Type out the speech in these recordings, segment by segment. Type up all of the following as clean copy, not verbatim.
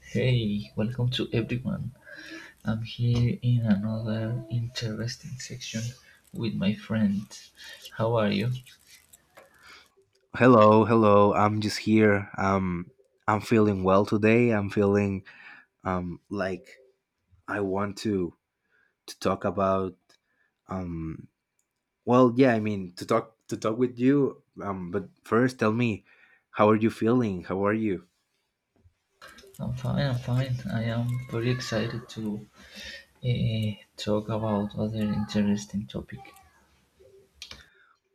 Hey, welcome to everyone. I'm here in another interesting section with my friend. How are you? Hello, hello. I'm just here. I'm feeling well today. I'm feeling like I want to talk about um well, yeah, I mean to talk with you. But first, tell me, how are you feeling? How are you? I'm fine. I am very excited to talk about other interesting topic.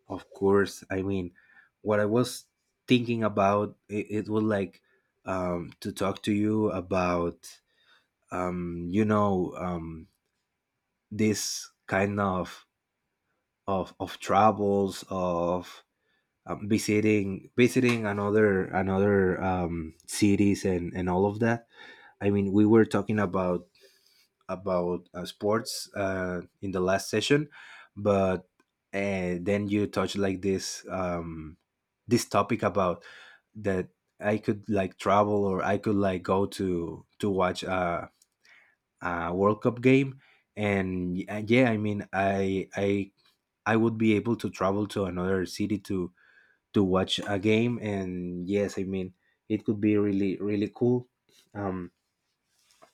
Of course. I mean, what I was thinking about it, it was like to talk to you about um you know um this kind of troubles of visiting another cities, and all of that. I mean, we were talking about, sports, in the last session, but, then you touched like this topic about that I could like travel, or I could like go to watch a World Cup game. And yeah, I mean, I would be able to travel to another city to watch a game. And yes, I mean, it could be really, really cool. um,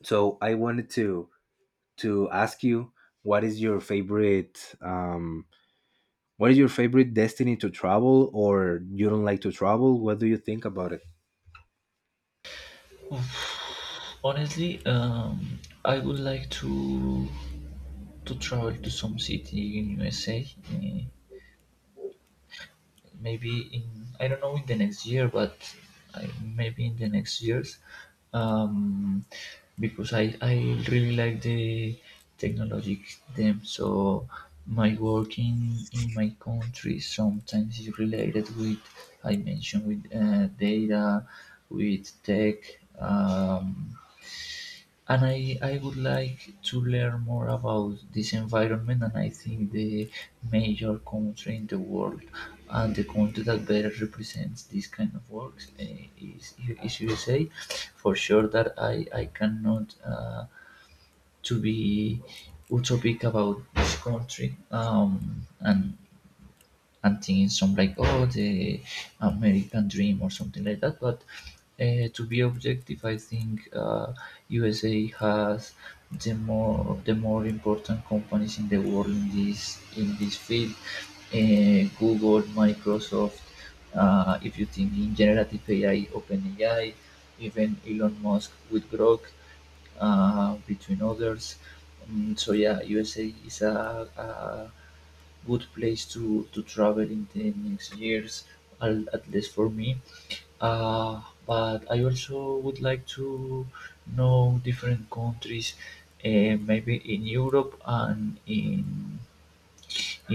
so I wanted to ask you, what is your favorite um, what is your favorite destiny to travel? Or you don't like to travel? What do you think about it? Honestly, I would like to travel to some city in USA. eh, Maybe in, I don't know, in the next year, but maybe in the next years, um, because I really like the technology them. So my work in my country sometimes is related with, I mentioned, with data, with tech. Um, and I would like to learn more about this environment, and I think the major country in the world and the country that better represents this kind of works is, is USA. For sure that I cannot to be utopic about this country, and thinking some like, oh, the American dream or something like that. But to be objective, I think USA has the more important companies in the world in this field. Google, Microsoft. If you think in generative AI, OpenAI, even Elon Musk with Grok, between others. So yeah, USA is a good place to travel in the next years, at least for me. But I also would like to know different countries, maybe in Europe and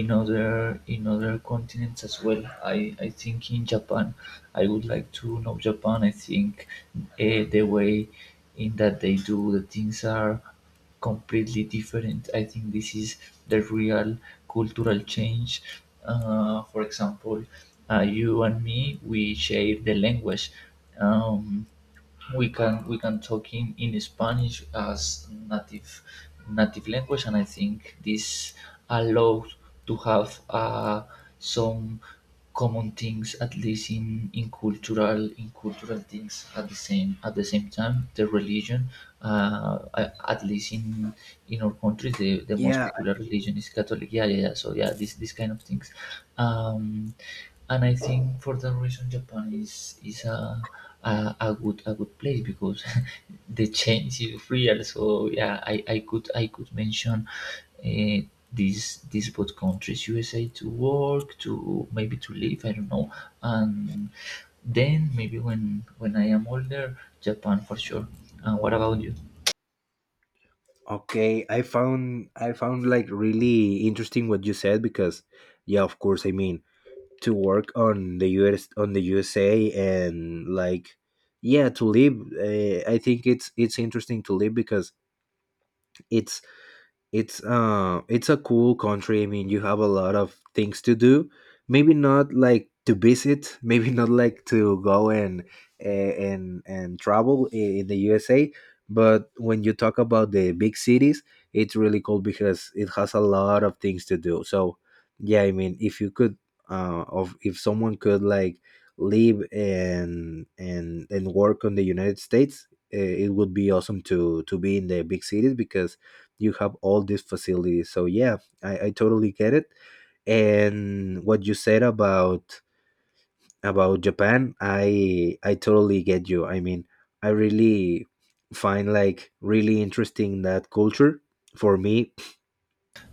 in other continents as well. I think in Japan, I would like to know Japan. I think the way in that they do the things are completely different. I think this is the real cultural change. For example, you and me, we share the language. Um, we can we can talk in Spanish as native language, and I think this allows to have some common things, at least in cultural things. At the same time, the religion, at least in our country, the most Yeah. popular religion is catholic. Yeah, yeah, yeah. So yeah, this kind of things, um and I think for that reason Japan is a good a good place, because the change is real. So yeah, I could mention uh, these both countries, USA to work, to maybe to live. I don't know, and then maybe when I am older, Japan for sure. What about you? Okay, I found like really interesting what you said, because yeah, of course. I mean, to work on the US, on the USA, and, like, yeah, to live. I think it's interesting to live, because it's it's a cool country. I mean, you have a lot of things to do. Maybe not like to visit maybe not like to go and, and travel in the USA. But when you talk about the big cities, it's really cool because it has a lot of things to do. So yeah, I mean, if you could, of if someone could like live and work on the United States, it would be awesome to be in the big cities because you have all these facilities. So yeah, I totally get it. And what you said about Japan, I totally get you. I mean, I really find like really interesting that culture for me,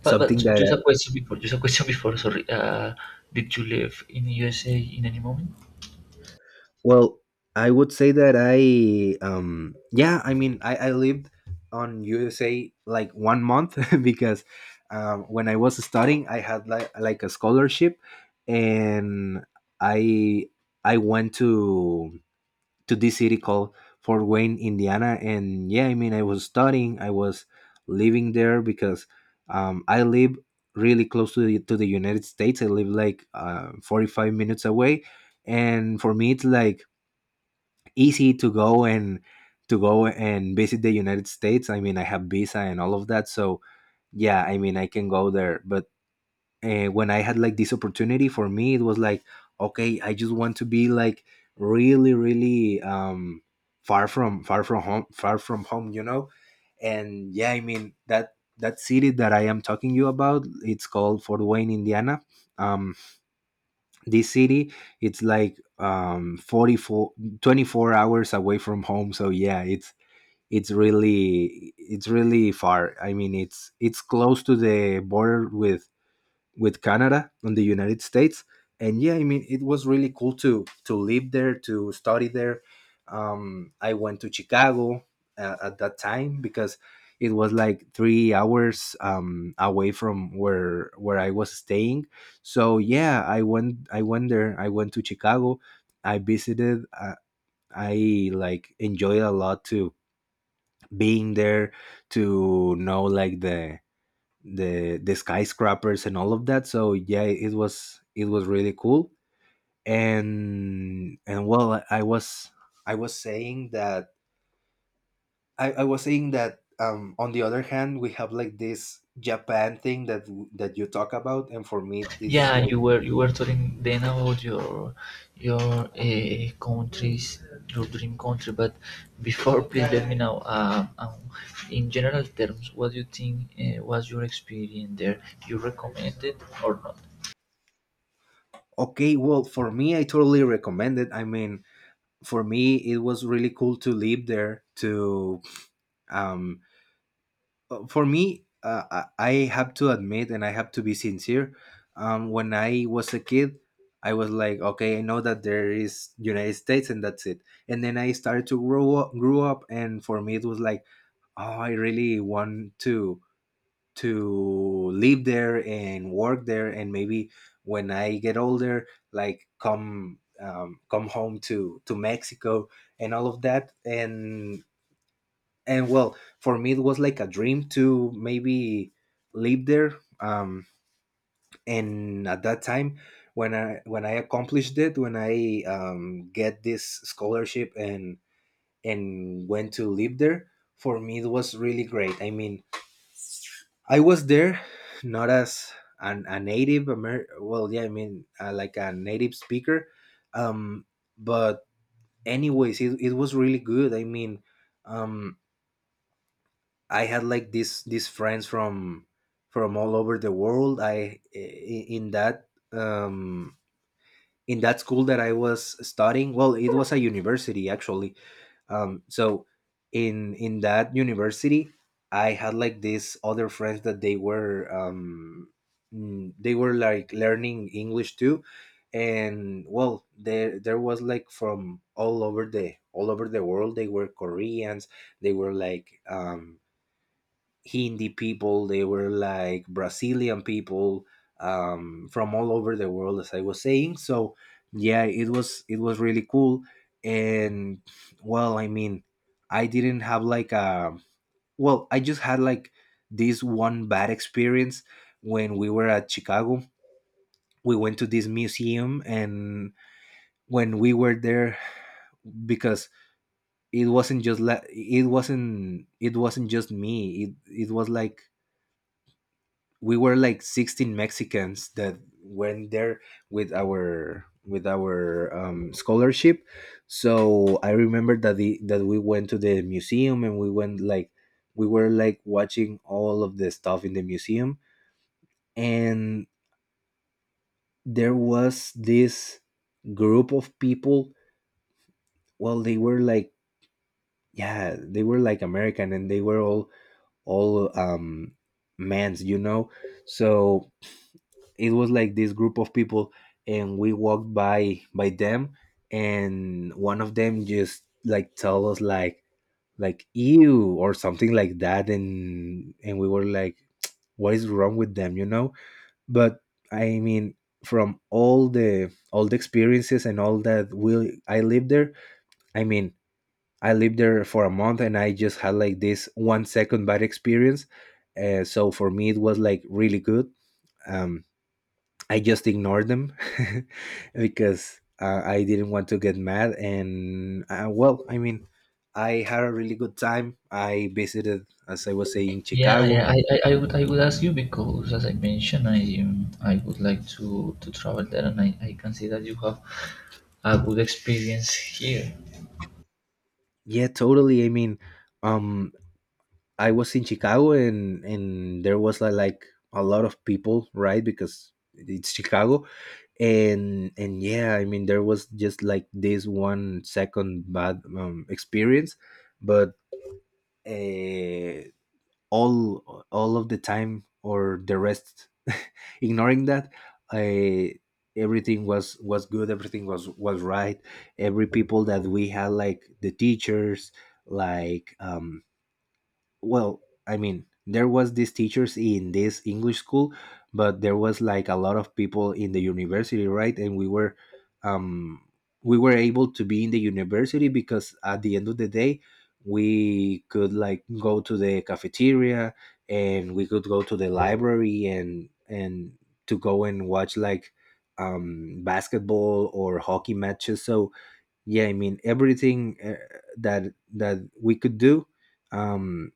But something just a that. question before, just a question before. Sorry, did you live in USA in any moment? Well, I would say that yeah, I mean, I lived on USA like one month because when I was studying, I had like a scholarship, and I I went to this city called Fort Wayne, Indiana. And yeah, I mean, I was studying, I was living there because I live really close to the United States. I live like 45 minutes away, and for me, it's like easy to go and visit the United States. I mean, I have visa and all of that, so yeah, I mean, I can go there. But when I had like this opportunity, for me it was like, okay, I just want to be like really, really, far from home, far from home. And yeah, I mean, that city that I am talking you about, it's called Fort Wayne, Indiana. Um, this city, it's like um 44 24 hours away from home. So yeah, it's really far. I mean, it's close to the border with Canada and the United States. And yeah, I mean, it was really cool to live there, to study there. I went to Chicago, at that time, because it was like 3 hours away from where I was staying. So yeah, I went there. I went to Chicago. I visited. I like enjoyed a lot to being there, to know like the skyscrapers and all of that. So yeah, it was really cool. And well, i was saying that I was saying that on the other hand, we have like this Japan thing that you talk about, and for me Yeah, it's you like. were you were telling then about your countries, your dream country. But before, please let me know. In general terms, what do you think was your experience there? You recommend it or not? Okay, well, for me I totally recommend it. I mean, for me it was really cool to live there. To um for me, I have to admit, and I have to be sincere. When I was a kid, I was like, okay, I know that there is United States, and that's it. And then I started to grow up, grew up, and for me it was like, oh, I really want to live there and work there, and maybe when I get older, like come home to Mexico and all of that. And well, for me it was like a dream to maybe live there, and at that time, when I accomplished it, when I get this scholarship, and went to live there. For me it was really great. I mean, I was there, not as a native yeah, I mean, like a native speaker. um, but anyways, it was really good. I mean, um, I had like these friends from all over the world. In that school that I was studying. Well, it was a university, actually. So, in that university, I had like these other friends that they were like learning English, too. And, well, there was like from all over the world. They were Koreans. They were like. Hindi people, they were like Brazilian people, from all over the world, as I was saying. So yeah, it was really cool. And well, I mean, I didn't have like a, well, I just had like this one bad experience when we were at Chicago. We went to this museum, and when we were there, because it wasn't just like, it wasn't just me. It was like we were like 16 Mexicans that went there with our scholarship. So I remember that we went to the museum, and we were like watching all of the stuff in the museum. And there was this group of people. Well, they were like American, and they were all mans, so it was like this group of people, and we walked by them. And one of them just, like, tell us like, ew or something like that. And we were like, what is wrong with them, but I mean, from all the experiences and all that we I lived there. I mean, I lived there for a month, and I just had like this one second bad experience. So for me it was like really good. um I just ignored them because, I didn't want to get mad. And, well, I mean, I had a really good time. I visited, as I was saying, Yeah, Chicago. yeah. I would ask you because, as I mentioned, I would like to travel there, and I can see that you have a good experience here. Yeah, totally. I mean, um, I was in Chicago, and there was like, a lot of people, right? Because it's Chicago, and yeah, I mean, there was just like this one second bad, experience, but. Uh, all of the time, or the rest, ignoring that, I everything was good, everything was right. Every people that we had, like the teachers, like, well, I mean, there was these teachers in this English school. But there was like a lot of people in the university, right, and um we were able to be in the university, because at the end of the day we could like go to the cafeteria, and we could go to the library, and to go and watch like, basketball or hockey matches. So yeah, I mean, everything, that we could do, um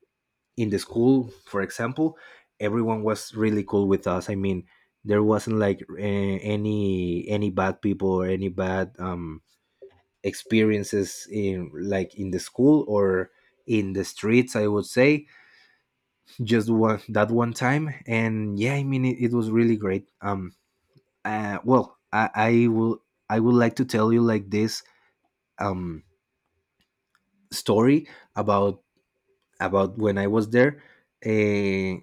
in the school, for example, everyone was really cool with us. I mean, there wasn't like, any bad people, or any bad, experiences in the school or in the streets. I would say just one that one time, and yeah, I mean, it was really great. Well, I would like to tell you like this, um story about about when I was there. Uh,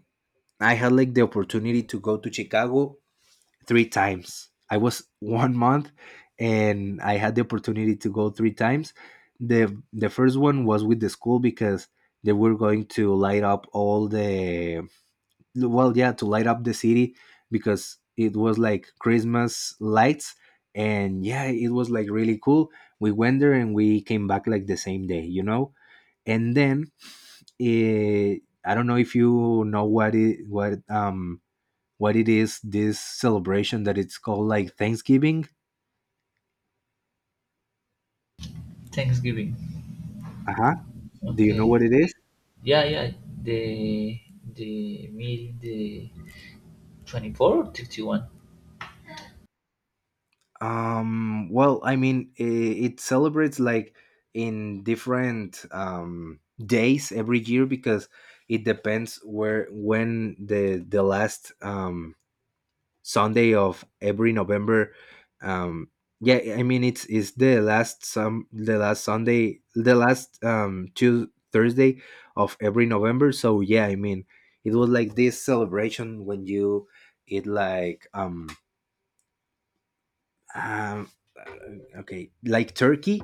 I had like the opportunity to go to Chicago three times. I was one month, and I had the opportunity to go three times. The first one was with the school because they were going to light up all the well, yeah, to light up the city, because it was like Christmas lights. And yeah, it was like really cool. We went there, and we came back like the same day, you know? And then, eh, I don't know if you know what it is, this celebration that it's called, like, Thanksgiving. Thanksgiving. Uh-huh. Do you know Okay. what it is? Yeah, yeah. The the meal, the 24 or 31. I mean, it celebrates like in different days every year because it depends where when the last Sunday of every November. Um, yeah, I mean it's the last Sunday, the last two Thursday of every November. So yeah, I mean it was like this celebration when you eat like um okay like turkey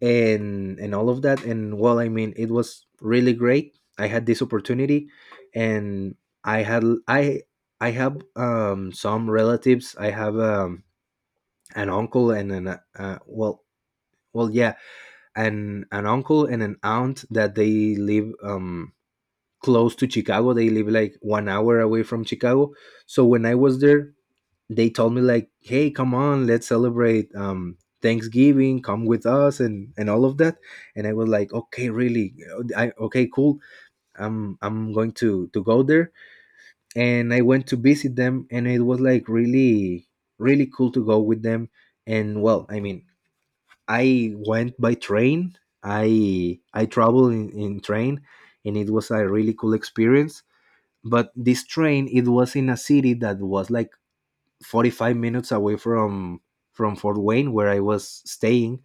and all of that, and well, I mean, it was really great. I had this opportunity and I had I I have some relatives. I have an uncle and an well well yeah and an uncle and an aunt that they live close to Chicago. They live like 1 hour away from Chicago. So when I was there, they told me like, hey, come on, let's celebrate Thanksgiving, come with us and all of that. And I was like, okay, really, I okay cool, I'm going to go there. And I went to visit them, and it was like really really cool to go with them. And well, I mean, I went by train. I traveled in train, and it was a really cool experience. But this train, it was in a city that was like 45 minutes away from Fort Wayne, where I was staying.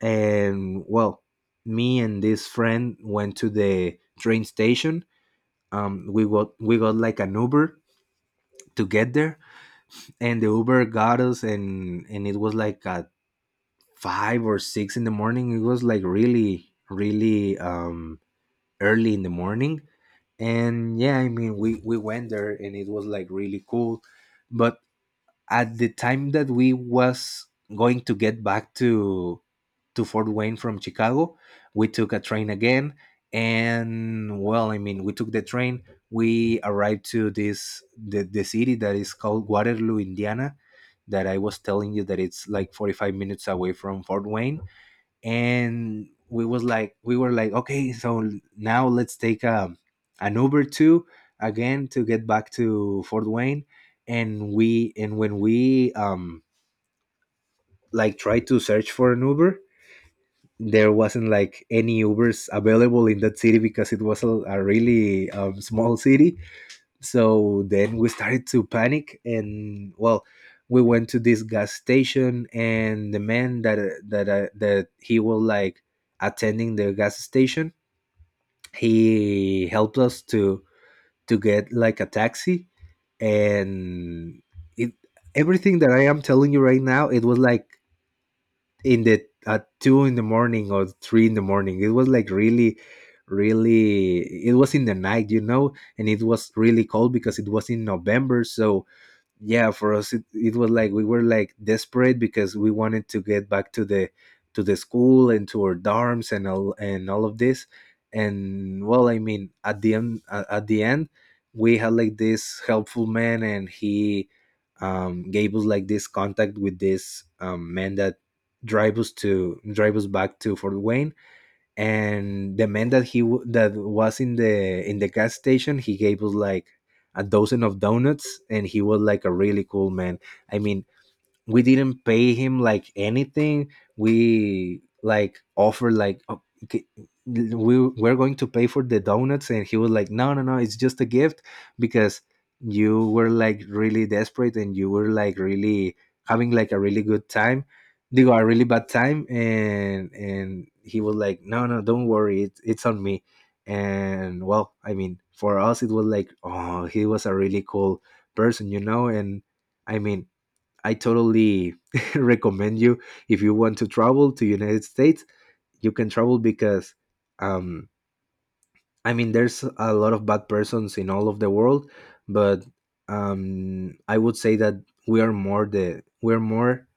And well, me and this friend went to the train station. We got like an Uber to get there, and the Uber got us, and it was like a five or six in the morning. It was like really, really early in the morning. And yeah, I mean, we went there, and it was like really cool. But at the time that we was going to get back to Fort Wayne from Chicago, we took a train again. And well, I mean, we took the train. We arrived to the city that is called Waterloo, Indiana, that I was telling you that it's like 45 minutes away from Fort Wayne. And we was like we were like, okay, so now let's take an Uber too again to get back to Fort Wayne. And we and when we like tried to search for an Uber, there wasn't like any Ubers available in that city because it was a really small city. So then we started to panic, and well, we went to this gas station, and the man that that he was like attending the gas station, he helped us to get like a taxi. And it everything that I am telling you right now, it was like in the at two in the morning or three in the morning. It was like really, really. It was in the night, you know, and it was really cold because it was in November. So yeah, for us, it was like we were like desperate because we wanted to get back to the school and to our dorms and all of this. And well, I mean, at the end, at the end, we had like this helpful man, and he gave us like this contact with this man that drive us back to Fort Wayne. And the man that that was in the gas station, he gave us like a dozen of donuts, and he was like a really cool man. I mean, we didn't pay him like anything. We like offered like, oh, okay, we're going to pay for the donuts, and he was like, no, no, no, it's just a gift because you were like really desperate and you were like really having like a really good time. They got a really bad time. And he was like, no, no, don't worry, it's on me. And well, I mean, for us it was like, oh, he was a really cool person, you know. And I mean, I totally recommend you, if you want to travel to United States, you can travel, because um I mean there's a lot of bad persons in all of the world, but I would say that we are more the we're more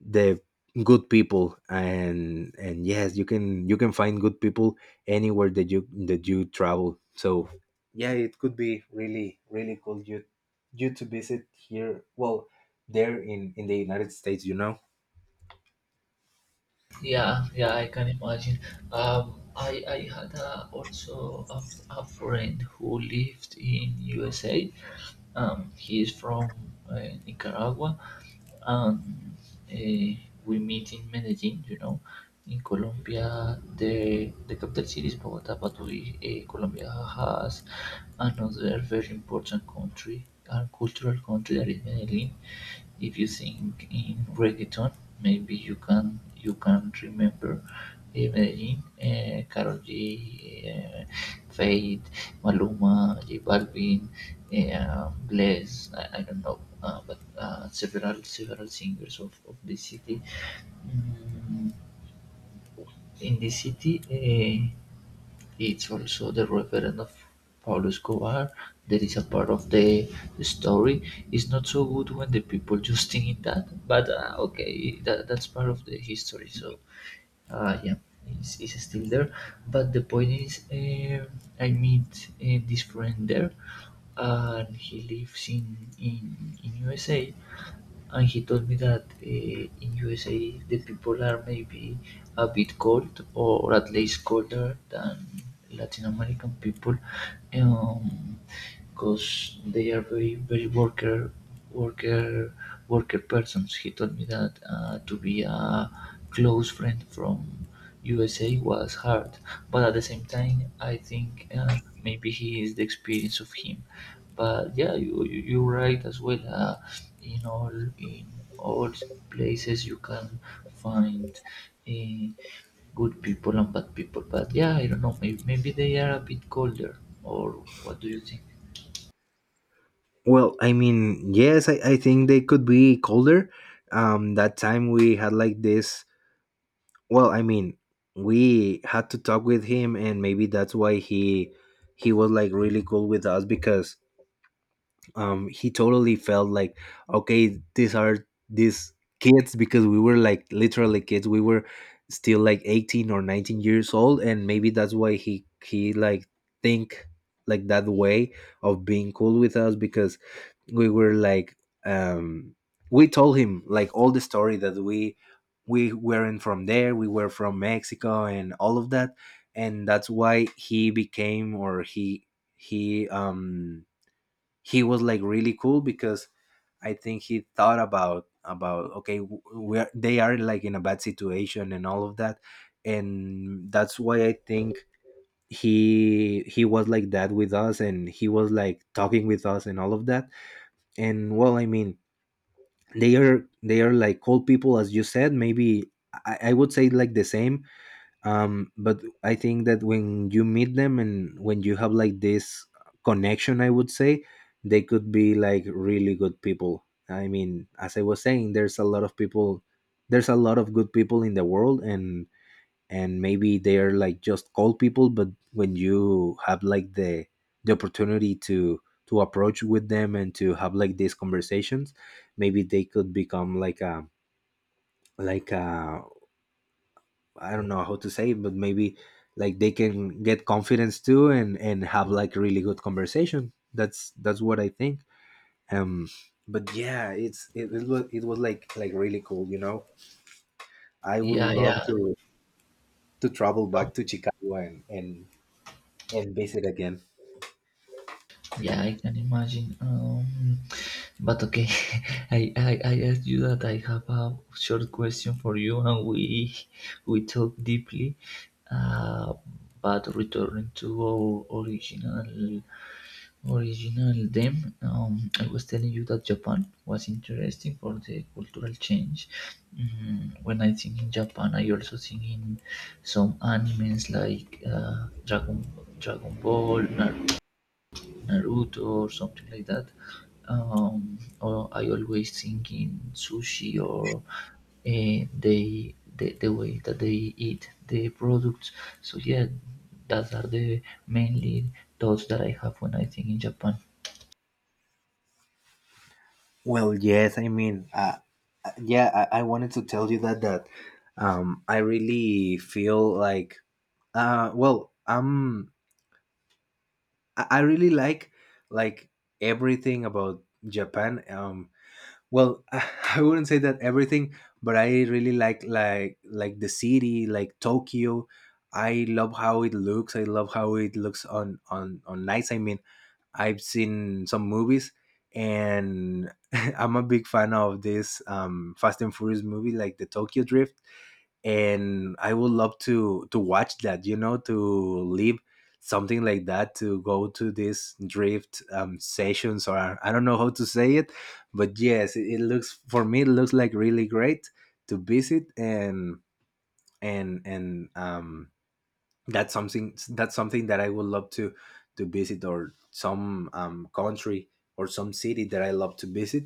the good people. And yes, you can find good people anywhere that you travel. So yeah, it could be really really cool you to visit here, well, there, in the United States, you know. Yeah, yeah, I can imagine. I had also a friend who lived in USA. He is from uh, Nicaragua, and uh, we meet in Medellin, you know. In Colombia, the capital city is Bogota, but we, Colombia has another very important country and cultural country that is Medellin. If you sing in reggaeton, maybe you can remember Medellin, Karol G, eh, Fate, Maluma, J Balvin, Bless. I don't know, but several several singers of the city. Mm, in the city, it's also the reverend of Pablo Escobar. There is a part of the story. It's not so good when the people just think in that, but okay, that, that's part of the history. So yeah, it's still there. But the point is, I meet this friend there, and he lives in USA, and he told me that in USA the people are maybe a bit cold, or at least colder than Latin American people, because they are very worker, worker, worker persons. He told me that to be a close friend from USA was hard, but at the same time I think maybe he is the experience of him. But yeah, you're right as well. In all, in all places, you can find eh, good people and bad people. But yeah, I don't know. Maybe, maybe they are a bit colder. Or what do you think? Well, I mean, yes, I think they could be colder. That time we had like this, well, I mean, we had to talk with him, and maybe that's why he was like really cool with us, because he totally felt like, okay, these are these kids, because we were like literally kids. We were still like 18 or 19 years old, and maybe that's why he like think like that way of being cool with us, because we were like um we told him like all the story that we weren't from there, we were from Mexico and all of that. And that's why he became or he um he was like really cool, because I think he thought about, okay, where they are like in a bad situation and all of that. And that's why I think he was like that with us, and he was like talking with us and all of that. And well, I mean, they are like cold people, as you said, maybe. I would say like the same. But I think that when you meet them and when you have like this connection, I would say they could be like really good people. I mean, as I was saying, there's a lot of people, there's a lot of good people in the world. And maybe they are like just cold people, but when you have like the opportunity to approach with them and to have like these conversations, maybe they could become like a like a I don't know how to say it, but maybe like they can get confidence too, and have like really good conversation. That's what I think. Um, but yeah, it was like really cool. You know, I would Yeah, love yeah, to travel back to Chicago and visit again. yeah. I can imagine. But okay, I asked you that I have a short question for you, and we talk deeply. Uh, but returning to our original them, I was telling you that Japan was interesting for the cultural change. When I think in Japan, I also think in some animes like Dragon Ball, Naruto or something like that. Or I always think in sushi or they, the way that they eat the products. So yeah, those are the mainly thoughts that I have when I think in Japan. Well, yes, I mean, yeah, I wanted to tell you that I really feel like Uh, well, um, I really like everything about Japan. Well, I wouldn't say that everything, but I really like like the city, like Tokyo. I love how it looks. I love how it looks on on nights. I mean, I've seen some movies, and I'm a big fan of this Fast and Furious movie, like the Tokyo Drift. And I would love to watch that. You know, to live something like that, to go to these drift sessions, or I don't know how to say it, but yes, it looks for me. It looks like really great to visit. And and and um, that's something, that I would love to visit, or some country or some city that I love to visit.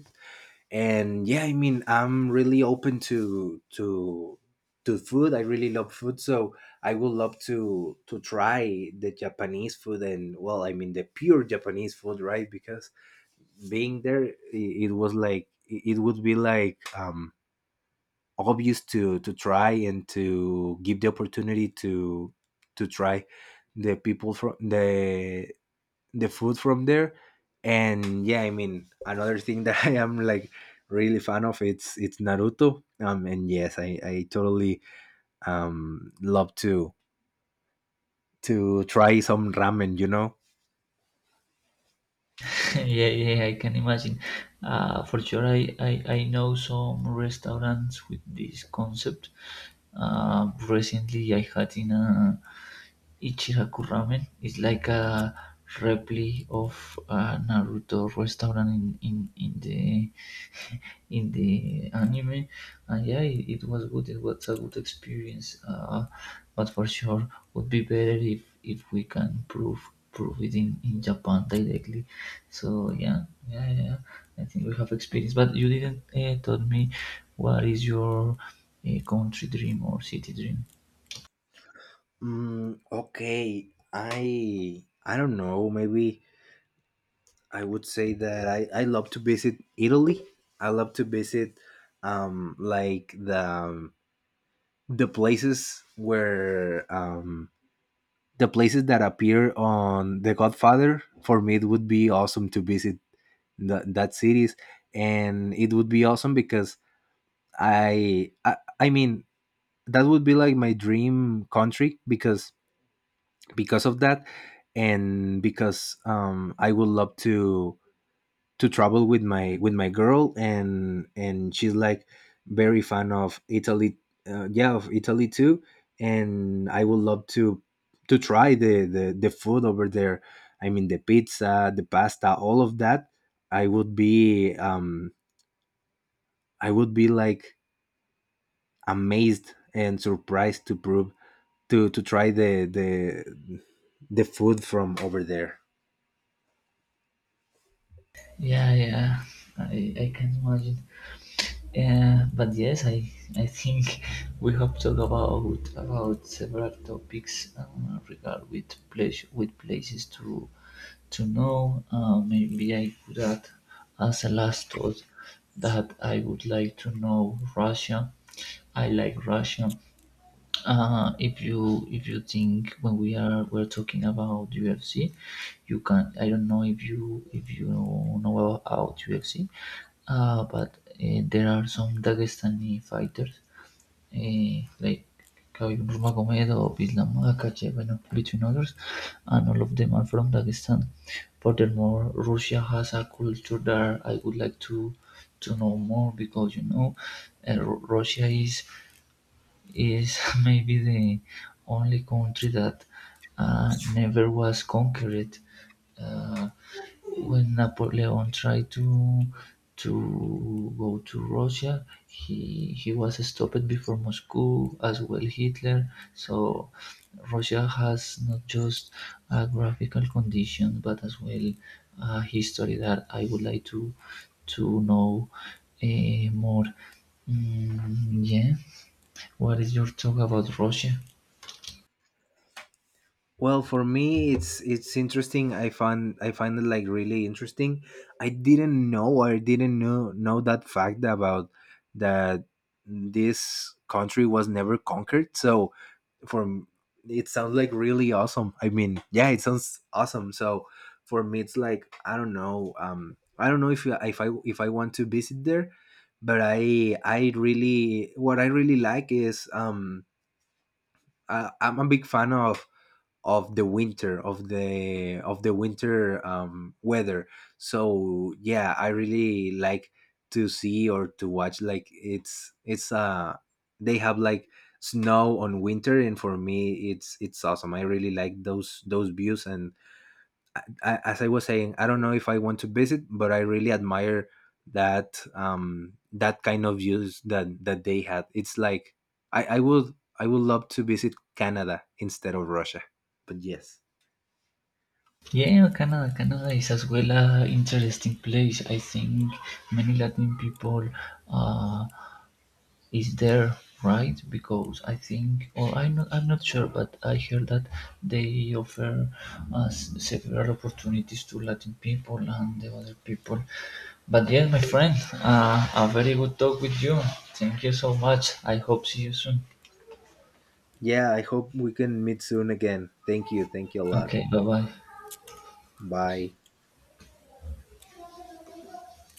And yeah, I mean, I'm really open to food. I really love food. So I would love to try the Japanese food, and well, I mean, the pure Japanese food, right? Because being there, it was like it would be like obvious to try and to give the opportunity to try the people from the the food from there. And yeah, I mean, another thing that I am like really fan of, it's Naruto. And yes, I totally love to try some ramen, you know. Yeah, yeah, I can imagine. For sure, I know some restaurants with this concept. Recently, I had in a Ichiraku Ramen. It's like a replica of a Naruto restaurant in the in the anime, and yeah, it was good. It was a good experience. But for sure would be better if we can prove providing in Japan directly. So yeah, yeah, yeah, yeah. I think we have experience, but you didn't tell me what is your country dream or city dream. Mm, okay, I don't know, maybe I would say that I love to visit Italy. I love to visit like the places where um the places that appear on The Godfather. For me, it would be awesome to visit that cities. And it would be awesome because I mean that would be like my dream country, because of that, and because I would love to travel with my girl, and she's like very fan of Italy. Yeah, of Italy too. And I would love to try the food over there. I mean, the pizza, the pasta, all of that. i would be um I would be like amazed and surprised to prove to try the food from over there. Yeah, yeah. I can imagine. Yeah, but yes, I think we have talked about several topics regard with place, with places to know. Maybe I could add as a last thought that I would like to know Russia. I like Russia. If you, if you think, when we're talking about UFC, you can, I don't know if you, if you know about UFC, but there are some Dagestani fighters like Khabib Nurmagomedov, Islam Makhachev, and between others, and all of them are from Dagestan. Furthermore, Russia has a culture that I would like to know more, because you know Russia is maybe the only country that never was conquered. uh, when Napoleon tried to go to Russia, he was stopped before Moscow, as well Hitler. So Russia has not just a graphical condition but as well a history that I would like to know more. Yeah, what is your talk about Russia? Well, for me, it's interesting. I find it like really interesting. I didn't know that fact about that this country was never conquered. So for it sounds like really awesome. I mean, yeah, it sounds awesome. So for me, it's like, I don't know. I don't know if I- if I if I want to visit there, but I really what I really like is I'm a big fan of the winter, of the winter weather. So yeah, I really like to see or to watch like it's they have like snow on winter, and for me it's awesome. I really like those views. And as I was saying, I don't know if I want to visit, but I really admire that that kind of views that that they had. It's like i i would I would love to visit Canada instead of Russia. But yes, Yeah, Canada. Canada is as well a interesting place. I think many Latin people uh, is there, right? Because I think, or I'm not sure, but I heard that they offer us several opportunities to Latin people and the other people. But yeah, my friend, a very good talk with you. Thank you so much. I hope see you soon. yeah, I hope we can meet soon again. Thank you. Thank you a lot. Okay, bye bye. Bye.